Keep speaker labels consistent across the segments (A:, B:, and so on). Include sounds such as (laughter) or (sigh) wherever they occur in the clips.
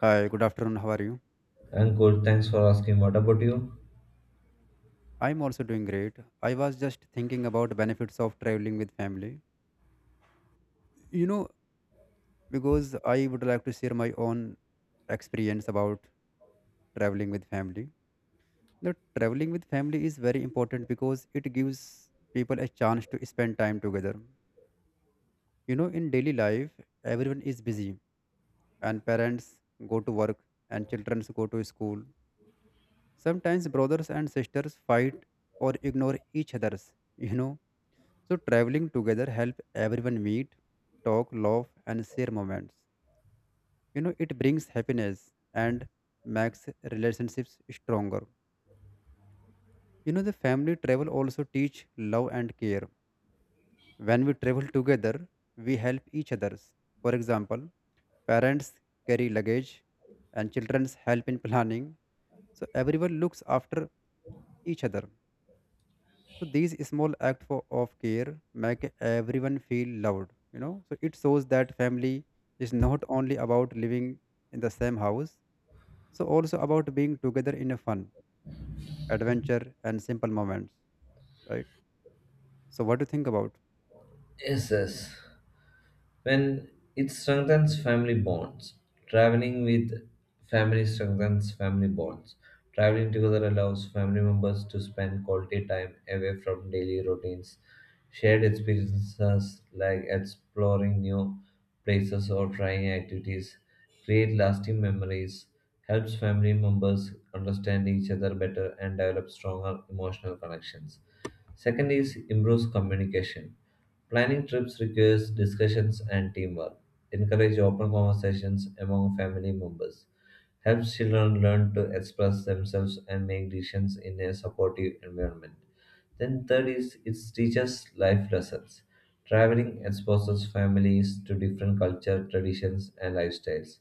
A: Hi, good afternoon. How are you?
B: I'm good. Thanks for asking. What about you?
A: I'm also doing great. I was just thinking about benefits of traveling with family. You know, because I would like to share my own experience about traveling with family. Now, traveling with family is very important because it gives people a chance to spend time together. In daily life, everyone is busy and parents go to work and children go to school. Sometimes brothers and sisters fight or ignore each others, you know So traveling together help everyone meet, talk, laugh, and share moments. It brings happiness and makes relationships stronger. The family travel also teach love and care. When we travel together, we help each others. For example, parents carry luggage and children help in planning. So everyone looks after each other. So these small acts of care make everyone feel loved. So it shows that family is not only about living in the same house, so also about being together in a fun, adventure, and simple moments, right? So what do you think about?
B: Yes, yes. When it strengthens family bonds, traveling with family strengthens family bonds. Traveling together allows family members to spend quality time away from daily routines. Shared experiences like exploring new places or trying activities create lasting memories, helps family members understand each other better and develop stronger emotional connections. Second is improves communication. Planning trips requires discussions and teamwork. Encourage open conversations among family members. Helps children learn to express themselves and make decisions in a supportive environment. Then third is it teaches life lessons. Traveling exposes families to different culture, traditions, and lifestyles.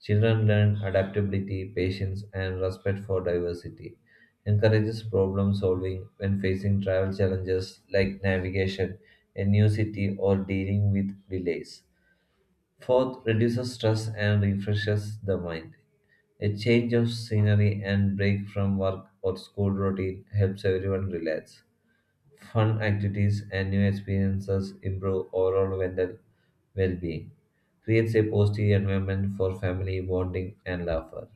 B: Children learn adaptability, patience, and respect for diversity. Encourages problem solving when facing travel challenges like navigation, a new city, or dealing with delays. Fourth, reduces stress and refreshes the mind. A change of scenery and break from work or school routine helps everyone relax. Fun activities and new experiences improve overall mental well-being. Creates a positive environment for family bonding and laughter.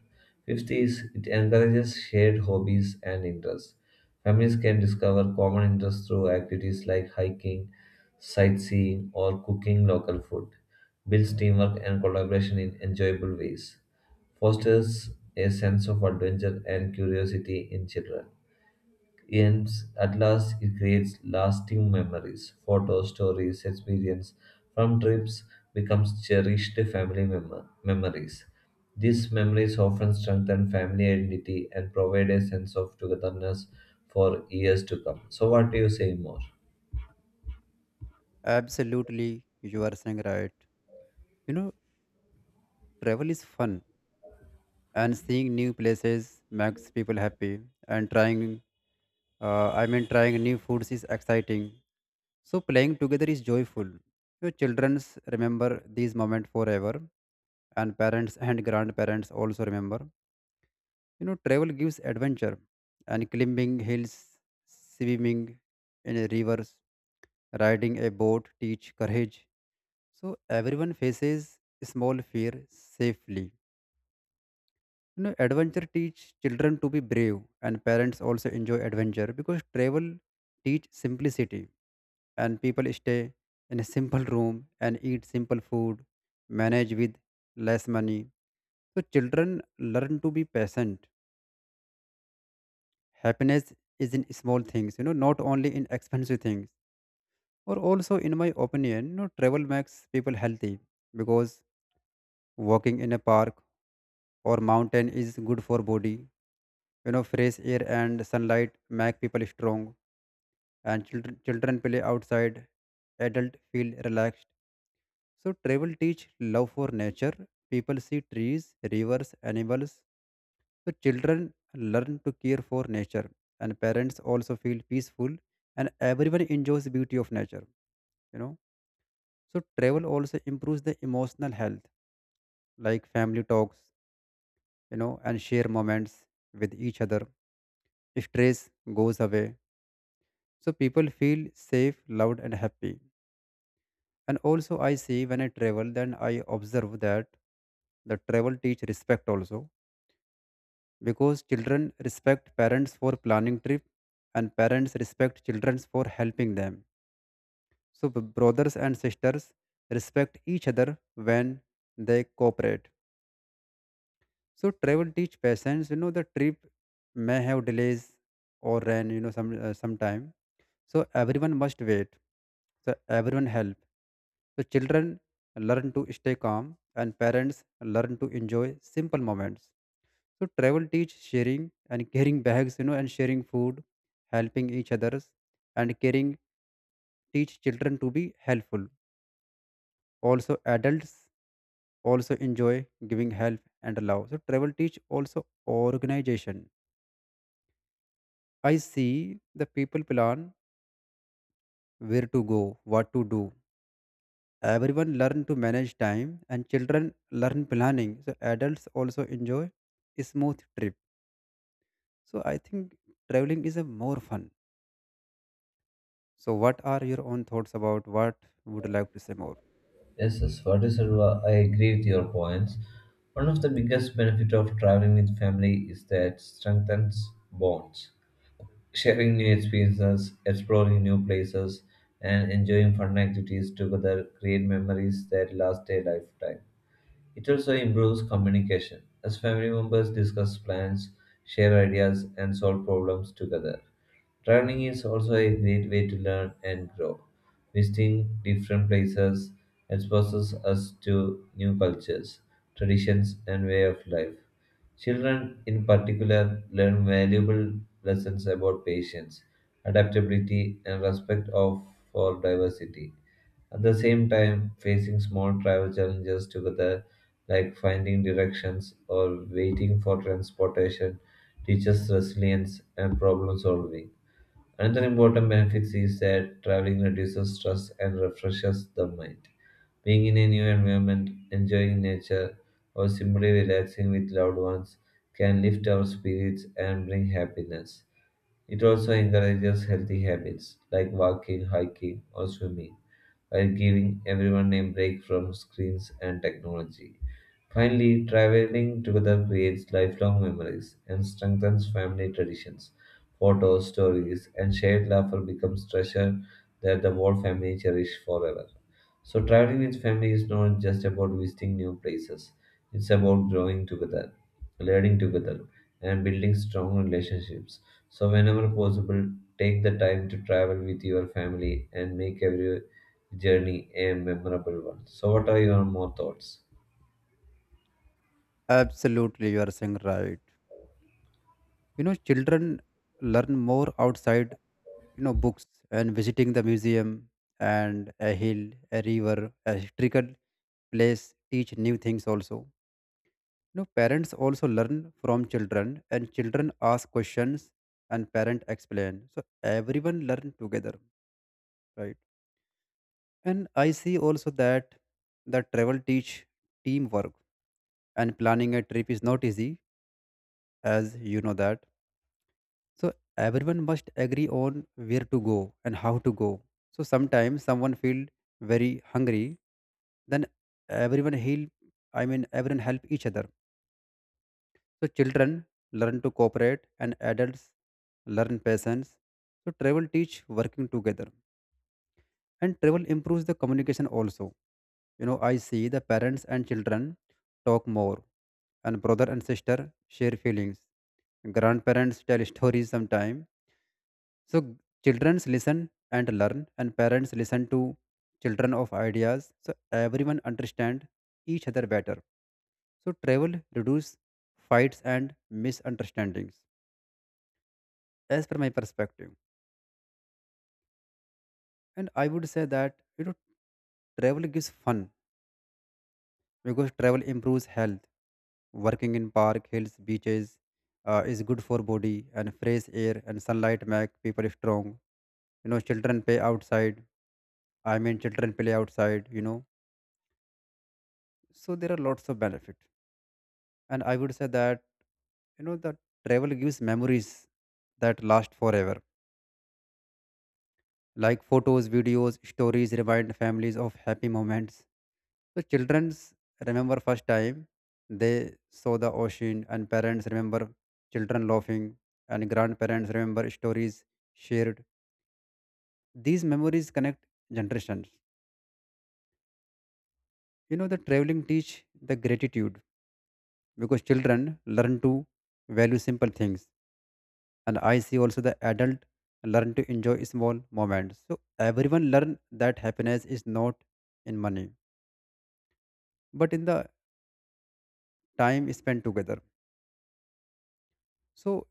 B: Fifth is it encourages shared hobbies and interests. Families can discover common interests through activities like hiking, sightseeing, or cooking local food. Builds teamwork and collaboration in enjoyable ways. Fosters a sense of adventure and curiosity in children ends at last it creates lasting memories, photos, stories, experience from trips becomes cherished family memories. These memories often strengthen family identity and provide a sense of togetherness for years to come. So what do you say more?
A: Absolutely, you are saying right. You know, travel is fun, and seeing new places makes people happy, and I mean, trying new foods is exciting. So playing together is joyful. Your children remember these moments forever, and parents and grandparents also remember. Travel gives adventure, and climbing hills, swimming in rivers, riding a boat teach courage. So everyone faces small fear safely. Adventure teach children to be brave, and parents also enjoy adventure because travel teach simplicity, and people stay in a simple room and eat simple food, manage with less money. So children learn to be patient. Happiness is in small things, not only in expensive things. Or also, in my opinion, travel makes people healthy because walking in a park or mountain is good for body. Fresh air and sunlight make people strong, and children play outside. Adults feel relaxed, so travel teach love for nature. People see trees, rivers, animals, so children learn to care for nature, and parents also feel peaceful, and everyone enjoys the beauty of nature know so travel also improves the emotional health, like family talks, and share moments with each other. Stress goes away. So people feel safe, loved, and happy. And also, I see when I travel, then I observe that the travel teach respect also because children respect parents for planning trip and parents respect children for helping them. So brothers and sisters respect each other when they cooperate. So travel teach patience. You know the trip may have delays or rain. You know sometime. So everyone must wait. So everyone help. So children learn to stay calm and parents learn to enjoy simple moments. So travel teach sharing and carrying bags, and sharing food, helping each others and caring teach children to be helpful. Also adults also enjoy giving help and love. So travel teach also organization. I see the people plan where to go, what to do. Everyone learn to manage time and children learn planning. So adults also enjoy a smooth trip. So I think traveling is a more fun. So what are your own thoughts about what would you like to say more?
B: Yes, yes, what is Sarva? I agree with your points. One of the biggest benefit of traveling with family is that strengthens bonds, sharing new experiences, exploring new places, and enjoying fun activities together create memories that last a lifetime. It also improves communication as family members discuss plans, share ideas, and solve problems together. Traveling is also a great way to learn and grow. Visiting different places exposes us to new cultures, traditions, and way of life. Children, in particular, learn valuable lessons about patience, adaptability, and for diversity. At the same time, facing small travel challenges together, like finding directions or waiting for transportation, teaches resilience and problem solving. Another important benefit is that traveling reduces stress and refreshes the mind. Being in a new environment, enjoying nature, or simply relaxing with loved ones can lift our spirits and bring happiness. It also encourages healthy habits like walking, hiking, or swimming, while giving everyone a break from screens and technology. Finally, traveling together creates lifelong memories and strengthens family traditions. Photos, stories, and shared laughter becomes treasure that the whole family cherish forever. So traveling with family is not just about visiting new places. It's about growing together, learning together, and building strong relationships. So whenever possible, take the time to travel with your family and make every journey a memorable one. So what are your more thoughts?
A: Absolutely, you are saying right. Children learn more outside, books and visiting the museum and a hill, a river, a historical place teach new things also. No, parents also learn from children, and children ask questions, and parent explain. So everyone learn together, right? And I see also that that travel teach teamwork, and planning a trip is not easy, as you know that. So everyone must agree on where to go and how to go. So sometimes someone feel very hungry, then everyone help. I mean, everyone help each other. So children learn to cooperate and adults learn patience. So travel teach working together, and travel improves the communication also. I see the parents and children talk more and brother and sister share feelings. Grandparents tell stories sometime. So children listen and learn and parents listen to children of ideas. So everyone understand each other better. So travel reduce fights and misunderstandings, as per my perspective. And I would say that travel gives fun because travel improves health, working in park, hills, beaches, is good for body, and fresh air and sunlight make people strong. You know children play outside i mean children play outside. So there are lots of benefit, and I would say that the travel gives memories that last forever, like photos, videos, stories remind families of happy moments. So childrens remember first time they saw the ocean, and parents remember children laughing, and grandparents remember stories shared. These memories connect generations. The traveling teach the gratitude because children learn to value simple things, and I see also the adult learn to enjoy small moments. So everyone learn that happiness is not in money, but in the time spent together. So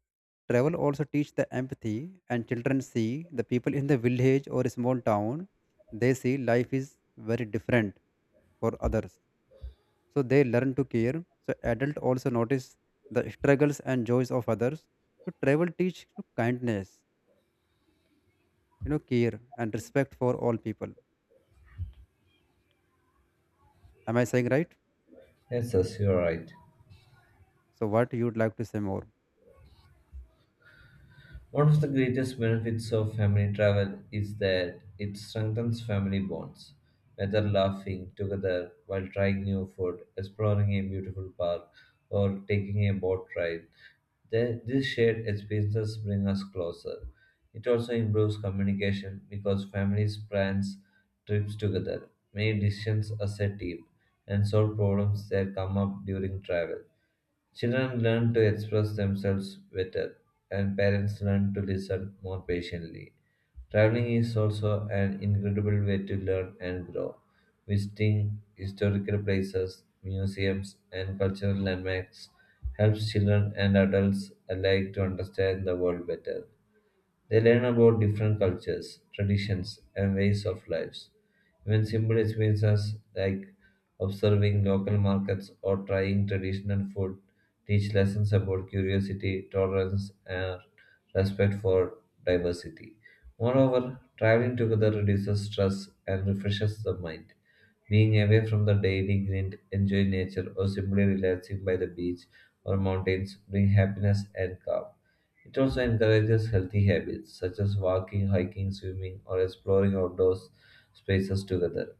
A: travel also teach the empathy, and children see the people in the village or small town, they see life is very different for others. So they learn to care. So adult also notice the struggles and joys of others. So travel teach kindness, care and respect for all people. Am I saying right?
B: Yes, yes, you're right.
A: So what you'd like to say more?
B: One of the greatest benefits of family travel is that it strengthens family bonds. Whether laughing together while trying new food, exploring a beautiful park, or taking a boat ride, these shared experiences bring us closer. It also improves communication because families plans trips together, make decisions as a team, and solve problems that come up during travel. Children learn to express themselves better, and parents learn to listen more patiently. Traveling is also an incredible way to learn and grow. Visiting historical places, museums, and cultural landmarks helps children and adults alike to understand the world better. They learn about different cultures, traditions, and ways of lives. Even simple experiences like observing local markets or trying traditional food teach lessons about curiosity, tolerance, and respect for diversity. Moreover, traveling together reduces stress and refreshes the mind. Being away from the daily grind, enjoying nature, or simply relaxing by the beach or mountains bring happiness and calm. It also encourages healthy habits such as walking, hiking, swimming, or exploring outdoor spaces together.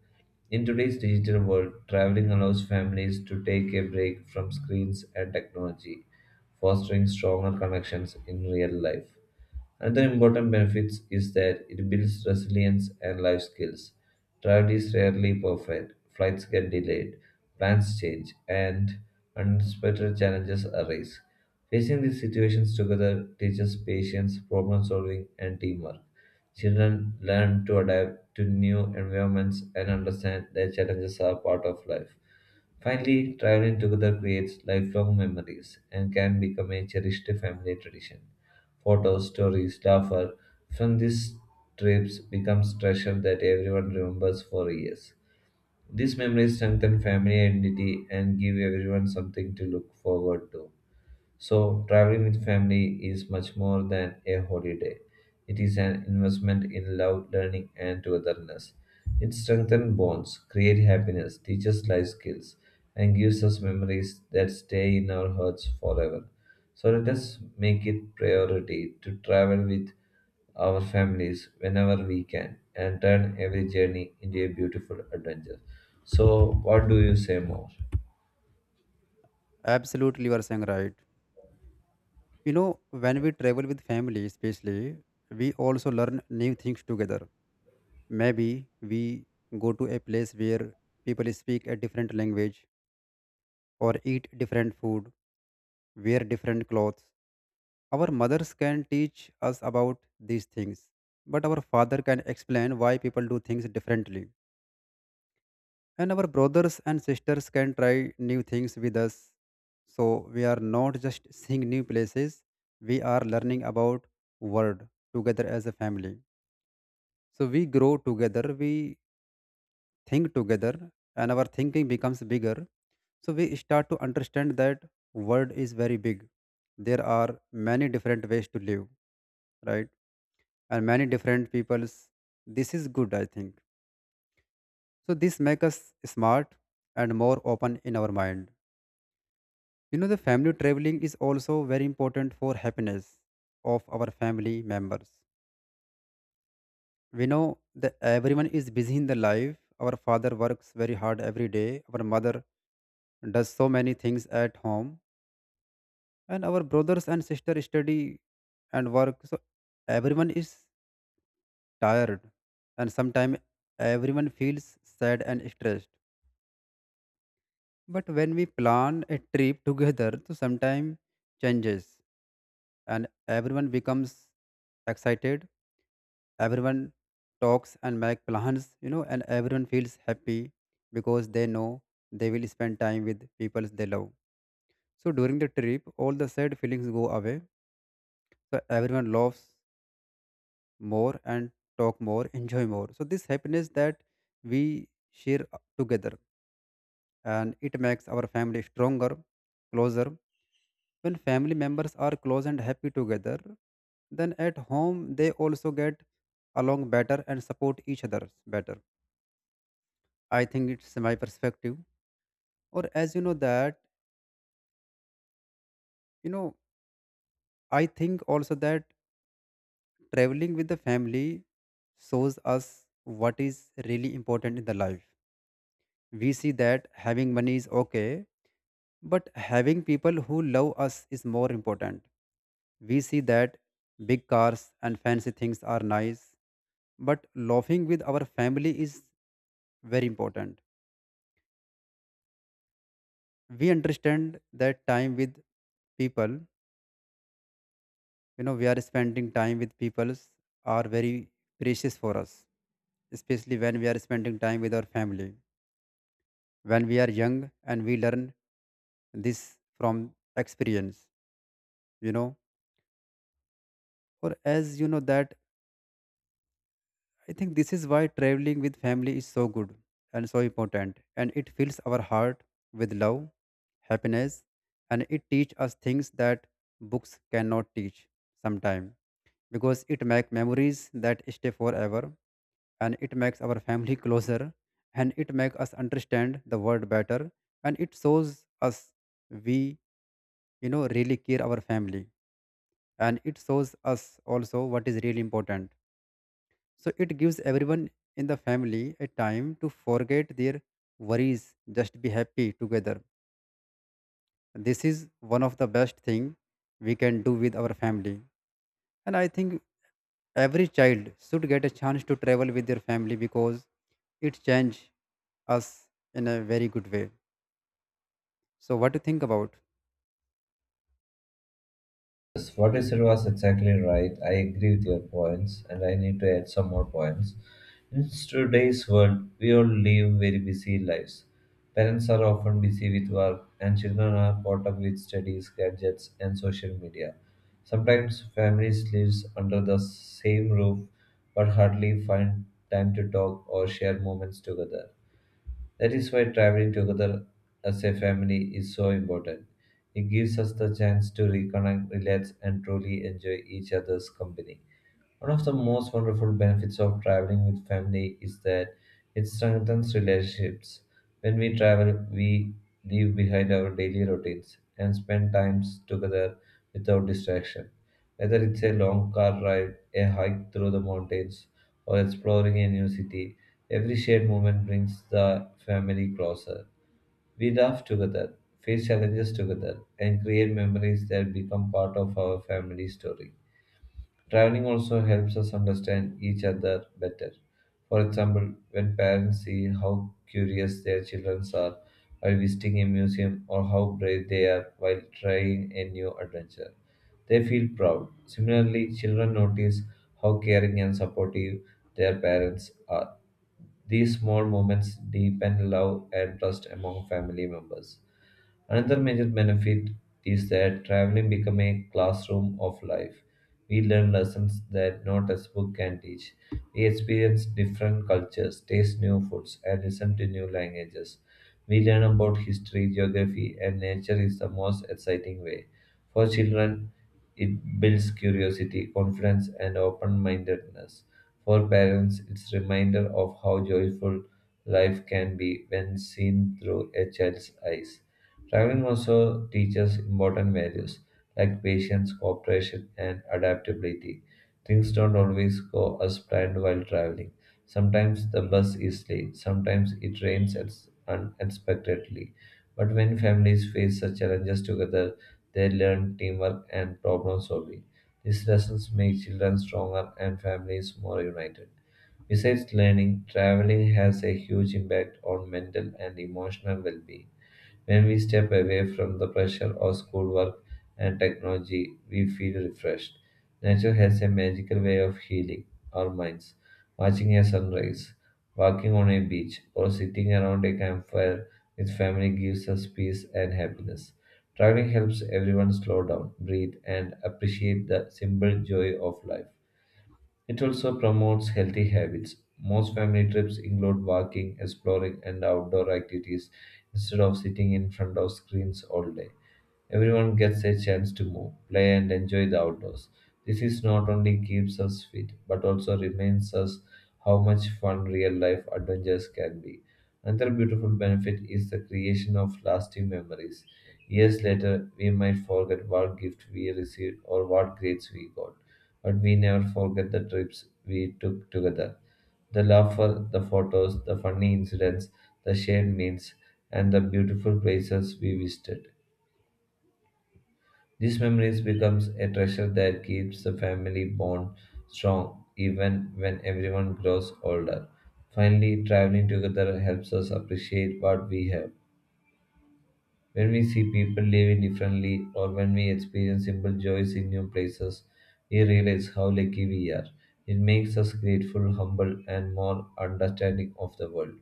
B: In today's digital world, traveling allows families to take a break from screens and technology, fostering stronger connections in real life. Another important benefit is that it builds resilience and life skills. Travel is rarely perfect, flights get delayed, plans change, and unexpected challenges arise. Facing these situations together teaches patience, problem solving, and teamwork. Children learn to adapt to new environments and understand that challenges are part of life. Finally, traveling together creates lifelong memories and can become a cherished family tradition. Photos, stories, laughter from these trips becomes treasure that everyone remembers for years. These memories strengthen family identity and give everyone something to look forward to. So, traveling with family is much more than a holiday. It is an investment in love, learning, and togetherness. It strengthens bonds, creates happiness, teaches life skills, and gives us memories that stay in our hearts forever. So, let us make it priority to travel with our families whenever we can and turn every journey into a beautiful adventure. So, what do you say more?
A: Absolutely you are saying right. When we travel with family especially, we also learn new things together. Maybe we go to a place where people speak a different language or eat different food, wear different clothes. Our mothers can teach us about these things, but our father can explain why people do things differently. And our brothers and sisters can try new things with us. So we are not just seeing new places, we are learning about world together as a family. So we grow together, we think together and our thinking becomes bigger. So we start to understand that world is very big. There are many different ways to live, right? And many different peoples. This is good, I think. So this makes us smart and more open in our mind. The family traveling is also very important for happiness of our family members. We know that everyone is busy in the life. Our father works very hard every day. Our mother does so many things at home, and our brothers and sisters study and work, so everyone is tired, and sometimes everyone feels sad and stressed. But when we plan a trip together, so sometimes changes, and everyone becomes excited. Everyone talks and make plans, and everyone feels happy because they know they will spend time with people they love. So during the trip all the sad feelings go away. So everyone laughs more and talk more, (laughs) enjoy more. So this happiness that we share together, and it makes our family stronger, closer. When family members are close and happy together, then at home they also get along better and support each other better. I think it's my perspective. Or as you know that, you know, I think also that traveling with the family shows us what is really important in the life. We see that having money is okay, but having people who love us is more important. We see that big cars and fancy things are nice, but laughing with our family is very important. We understand that time with people, we are spending time with people are very precious for us, especially when we are spending time with our family. When we are young and we learn this from experience, you know, or as you know that I think this is why traveling with family is so good and so important, and it fills our heart with love, happiness, and it teaches us things that books cannot teach sometimes, because it makes memories that stay forever and it makes our family (laughs) closer and it makes us understand the world better and it shows us we really care our family and it shows us also what is really important, so it gives everyone in the family a time to forget their worries, just be happy together. This is one of the best thing we can do with our family. And I think every child should get a chance to travel with their family because it change us in a very good way. So what do you think about?
B: Yes, what you said was exactly right. I agree with your points, and I need to add some more points. In today's world, we all live very busy lives. Parents are often busy with work, and children are caught up with studies, gadgets, and social media. Sometimes families live under the same roof but hardly find time to talk or share moments together. That is why traveling together as a family is so important. It gives us the chance to reconnect, relax, and truly enjoy each other's company. One of the most wonderful benefits of traveling with family is that it strengthens relationships. When we travel, we leave behind our daily routines and spend times together without distraction. Whether it's a long car ride, a hike through the mountains, or exploring a new city, every shared moment brings the family closer. We laugh together, face challenges together, and create memories that become part of our family story. Traveling also helps us understand each other better. For example, when parents see how curious their children are while visiting a museum or how brave they are while trying a new adventure, they feel proud. Similarly, children notice how caring and supportive their parents are. These small moments deepen love and trust among family members. Another major benefit is that traveling becomes a classroom of life. We learn lessons that no textbook can teach. We experience different cultures, taste new foods, and listen to new languages. We learn about history, geography, and nature is the most exciting way. For children, it builds curiosity, confidence, and open-mindedness. For parents, it's reminder of how joyful life can be when seen through a child's eyes. Traveling also teaches important values like patience, cooperation, and adaptability. Things don't always go as planned while traveling. Sometimes the bus is late, sometimes it rains unexpectedly. But when families face such challenges together, they learn teamwork and problem solving. These lessons make children stronger and families more united. Besides learning, traveling has a huge impact on mental and emotional well being. When we step away from the pressure of schoolwork and technology, we feel refreshed. Nature has a magical way of healing our minds. Watching a sunrise, walking on a beach, or sitting around a campfire with family gives us peace and happiness. Traveling helps everyone slow down, breathe, and appreciate the simple joy of life. It also promotes healthy habits. Most family trips include walking, exploring, and outdoor activities instead of sitting in front of screens all day. Everyone gets a chance to move, play, and enjoy the outdoors. This is not only keeps us fit, but also reminds us how much fun real life adventures can be. Another beautiful benefit is the creation of lasting memories. Years later, we might forget what gift we received or what grades we got, but we never forget the trips we took together. The laughter, the photos, the funny incidents, the shared meals, and the beautiful places we visited. These memories becomes a treasure that keeps the family bond strong even when everyone grows older. Finally, traveling together helps us appreciate what we have when we see people living differently or when we experience simple joys in new places, we realize how lucky we are. It makes us grateful, humble, and more understanding of the world.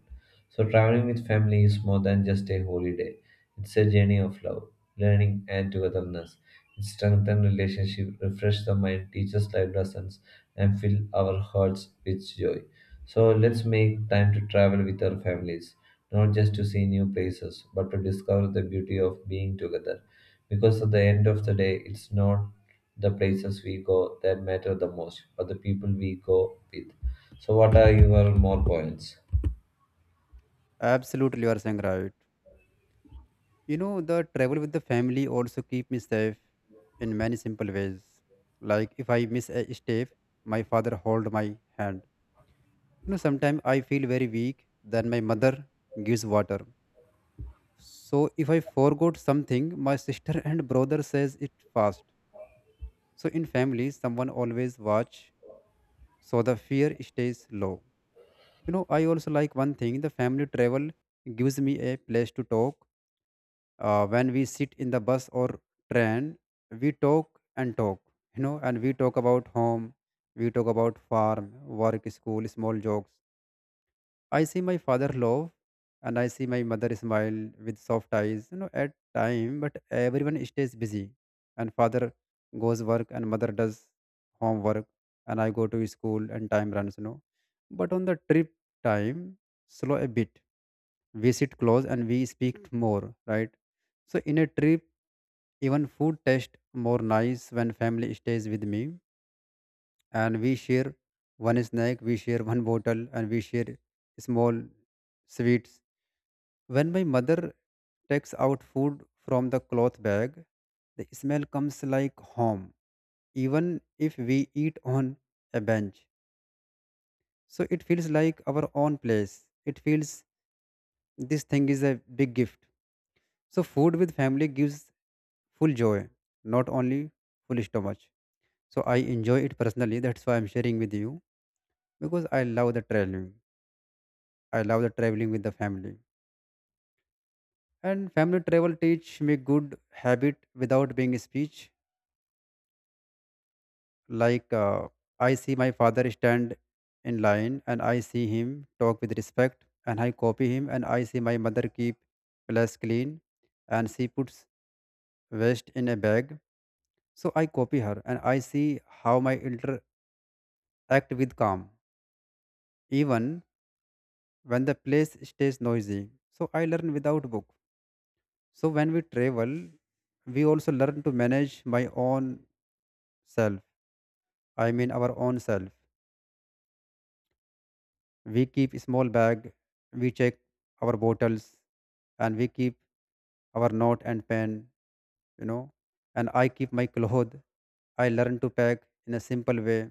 B: So, traveling with family is more than just a holiday, it's a journey of love, learning, and togetherness. It strengthens relationship, refresh the mind, teaches life lessons, and fill our hearts with joy. So let's make time to travel with our families not just to see new places, but to discover the beauty of being together. Because at the end of the day, it's not the places we go that matter the most, but the people we go with. So, what are your more points?
A: Absolutely, you are saying right. The travel with the family also keep me safe in many simple ways. Like if I miss a step, my father hold my hand. Sometimes, I feel very weak, then my mother gives water. So if I forgot something, my sister (laughs) and brother says it fast. So in family, someone always watch, so the fear stays low. You know, I also like one thing, the family travel gives me a place to talk. When we sit in the bus or train, we talk and talk, you know, and we talk about home, we talk about farm, work, school, small jokes. I see my father love and I see my mother smile with soft eyes, you know, at time, but everyone stays busy. And father goes work and mother does homework and I go to school and time runs, you know. But on the trip time, slow a bit. We sit close and we speak more, right? So in a trip, even food tastes more nice when family stays with me and we share one snack, we share one bottle, and we share small sweets. When my mother takes out food from the cloth bag, the smell comes like home, even if we eat on a bench. So it feels like our own place. It feels this thing is a big gift. So food with family gives full joy, not only full stomach. So I enjoy it personally. That's why I'm sharing with you because I love the traveling. I love the traveling with the family. And family travel teach me good habit without being speech. Like I see my father stand in line and I see him talk with respect and I copy him and I see my mother keep place clean and she puts waste in a bag. So I copy her and I see how my elder act with calm even when the place stays noisy. So I learn without book. So when we travel, we also learn to manage my own self. I mean our own self. We keep a small bag, we check our bottles, and we keep our note and pen, you know. And I keep my clothes. I learn to pack in a simple way.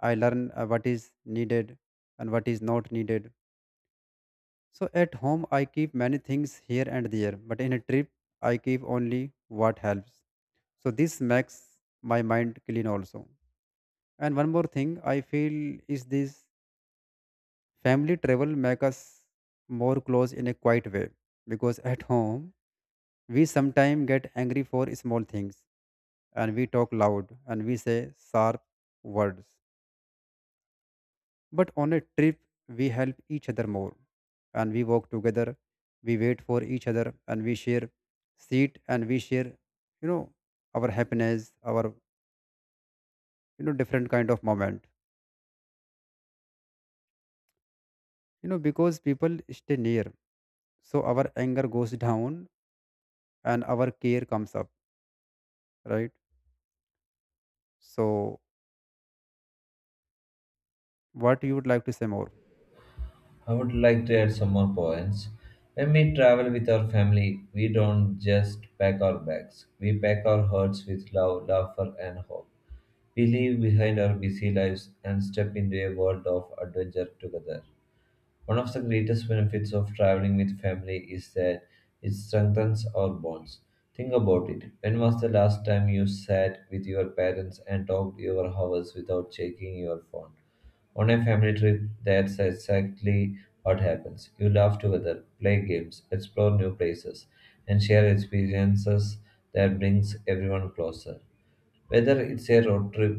A: I learn what is needed and what is not needed. So at home, I keep many things here and there, but in a trip, I keep only what helps. So this makes my mind clean also. And one more thing I feel is this family travel make us more close in a quiet way because at home we sometimes get angry for small things and we talk loud and we say sharp words. But on a trip we help each other more and we walk together, we wait for each other and we share seat and we share, you know, our happiness, our, different kind of moment. You know, because people stay near so our anger goes down and our care comes up, right? So what you would like to say more?
B: I would like to add some more points. When we travel with our family, we don't just pack our bags. We pack our hearts with love, laughter, and hope. We leave behind our busy lives and step into a world of adventure together. One of the greatest benefits of traveling with family is that it strengthens our bonds. Think about it. When was the last time you sat with your parents and talked your hours without checking your phone? On a family trip, that's exactly what happens. You laugh together, play games, explore new places, and share experiences that brings everyone closer. Whether it's a road trip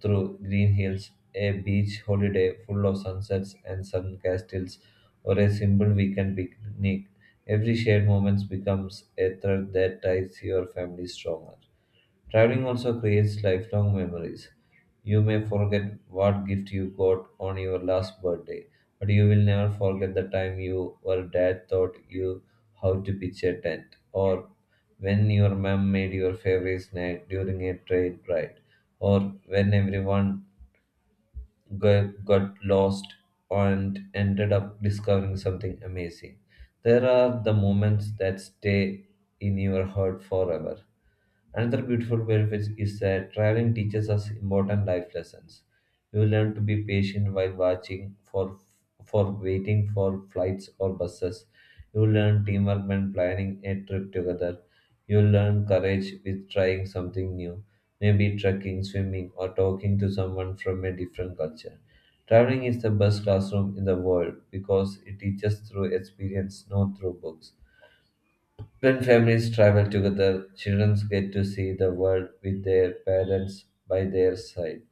B: through green hills, a beach holiday full of sunsets and sun castles, or a simple weekend picnic, every shared moment becomes a thread that ties your family stronger. Traveling also creates lifelong memories. You may forget what gift you got on your last birthday, but you will never forget the time you or dad taught you how to pitch a tent, or when your mom made your favorite snack during a train ride, or when everyone got lost and ended up discovering something amazing. There are the moments that stay in your heart forever. Another beautiful benefit is that traveling teaches us important life lessons. You learn to be patient while watching for waiting for flights or buses. You learn teamwork when planning a trip together. You learn courage with trying something new, maybe trekking, swimming, or talking to someone from a different culture. Traveling is the best classroom in the world because it teaches through experience, not through books. When families travel together, children get to see the world with their parents by their side.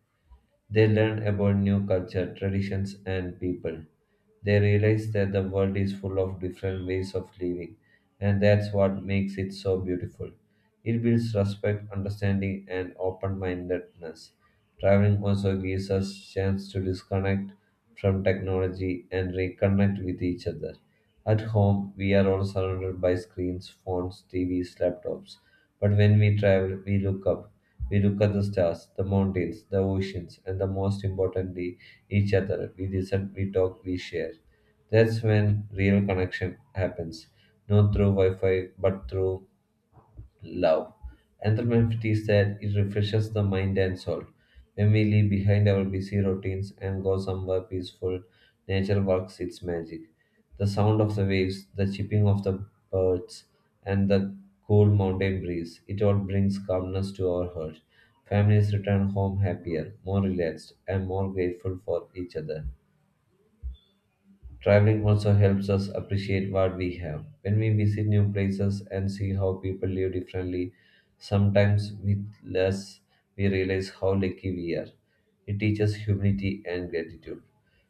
B: They learn about new culture, traditions, and people. They realize that the world is full of different ways of living, and that's what makes it so beautiful. It builds respect, understanding, and open-mindedness. Traveling also gives us chance to disconnect from technology and reconnect with each other. At home, we are all surrounded by screens, phones, TVs, laptops. But when we travel, we look up. We look at the stars, the mountains, the oceans, and the most importantly, each other. We listen, we talk, we share. That's when real connection happens. Not through Wi Fi, but through love. Anthropomorphy said it refreshes the mind and soul. When we leave behind our busy routines and go somewhere peaceful, nature works its magic. The sound of the waves, the chirping of the birds, and the cool mountain breeze, it all brings calmness to our heart. Families return home happier, more relaxed, and more grateful for each other. Traveling also helps us appreciate what we have. When we visit new places and see how people live differently, sometimes with less, we realize how lucky we are. It teaches humility and gratitude.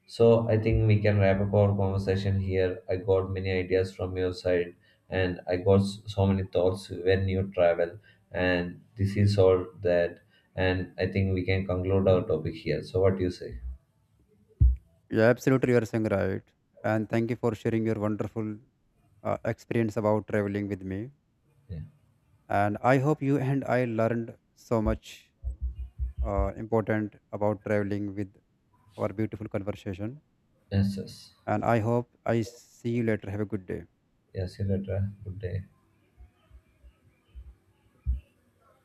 B: So I think we can wrap up our conversation here. I got many ideas from your side, and I got so many thoughts when you travel, and this is all that. And I think we can conclude our topic here. So what do you say?
A: Yeah, absolutely, you are saying right. And thank you for sharing your wonderful experience about traveling with me.
B: Yeah.
A: And I hope you and I learned so much important about traveling with our beautiful conversation.
B: Yes. Yes.
A: And I hope I see you later. Have a good day.
B: Yes. See you later. Good day.